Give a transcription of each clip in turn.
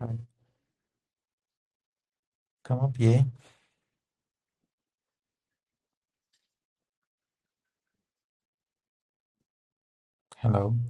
Come come up, yeah. Hello.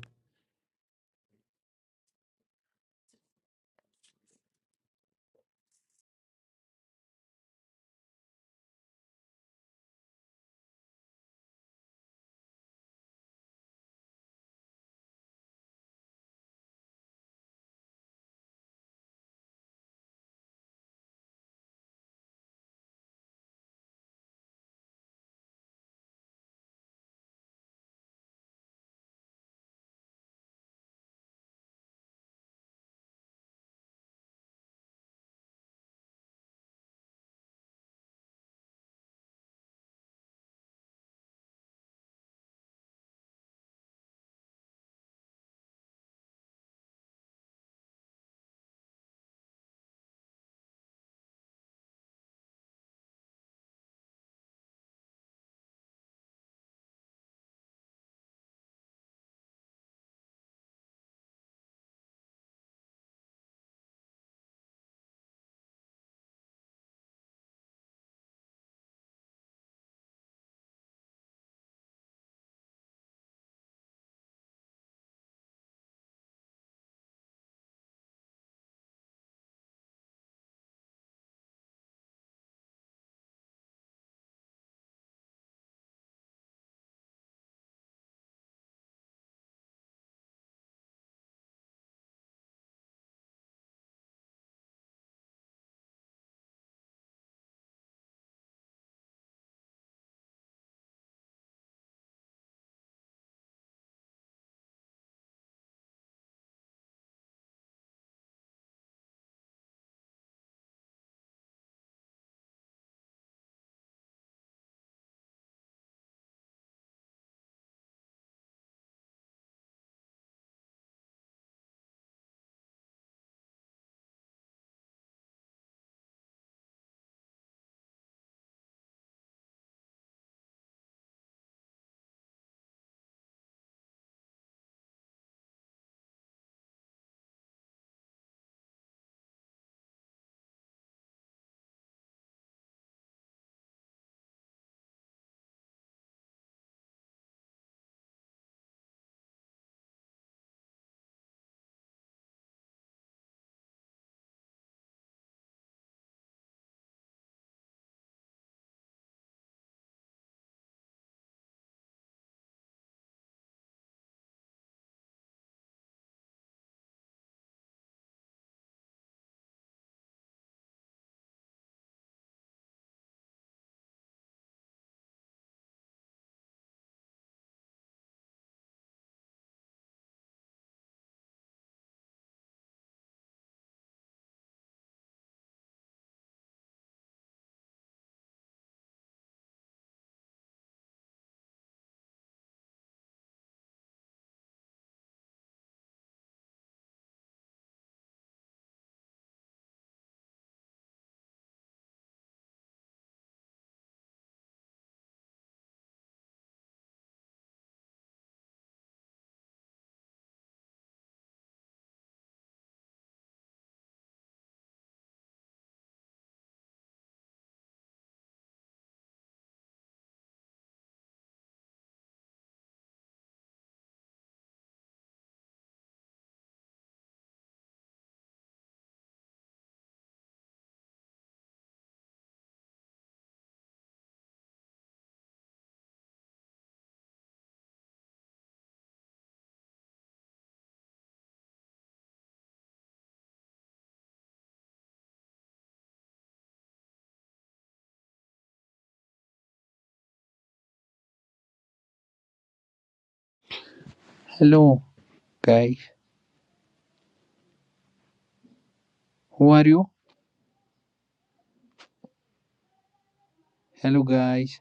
Hello, guys. Who are you? Hello, guys.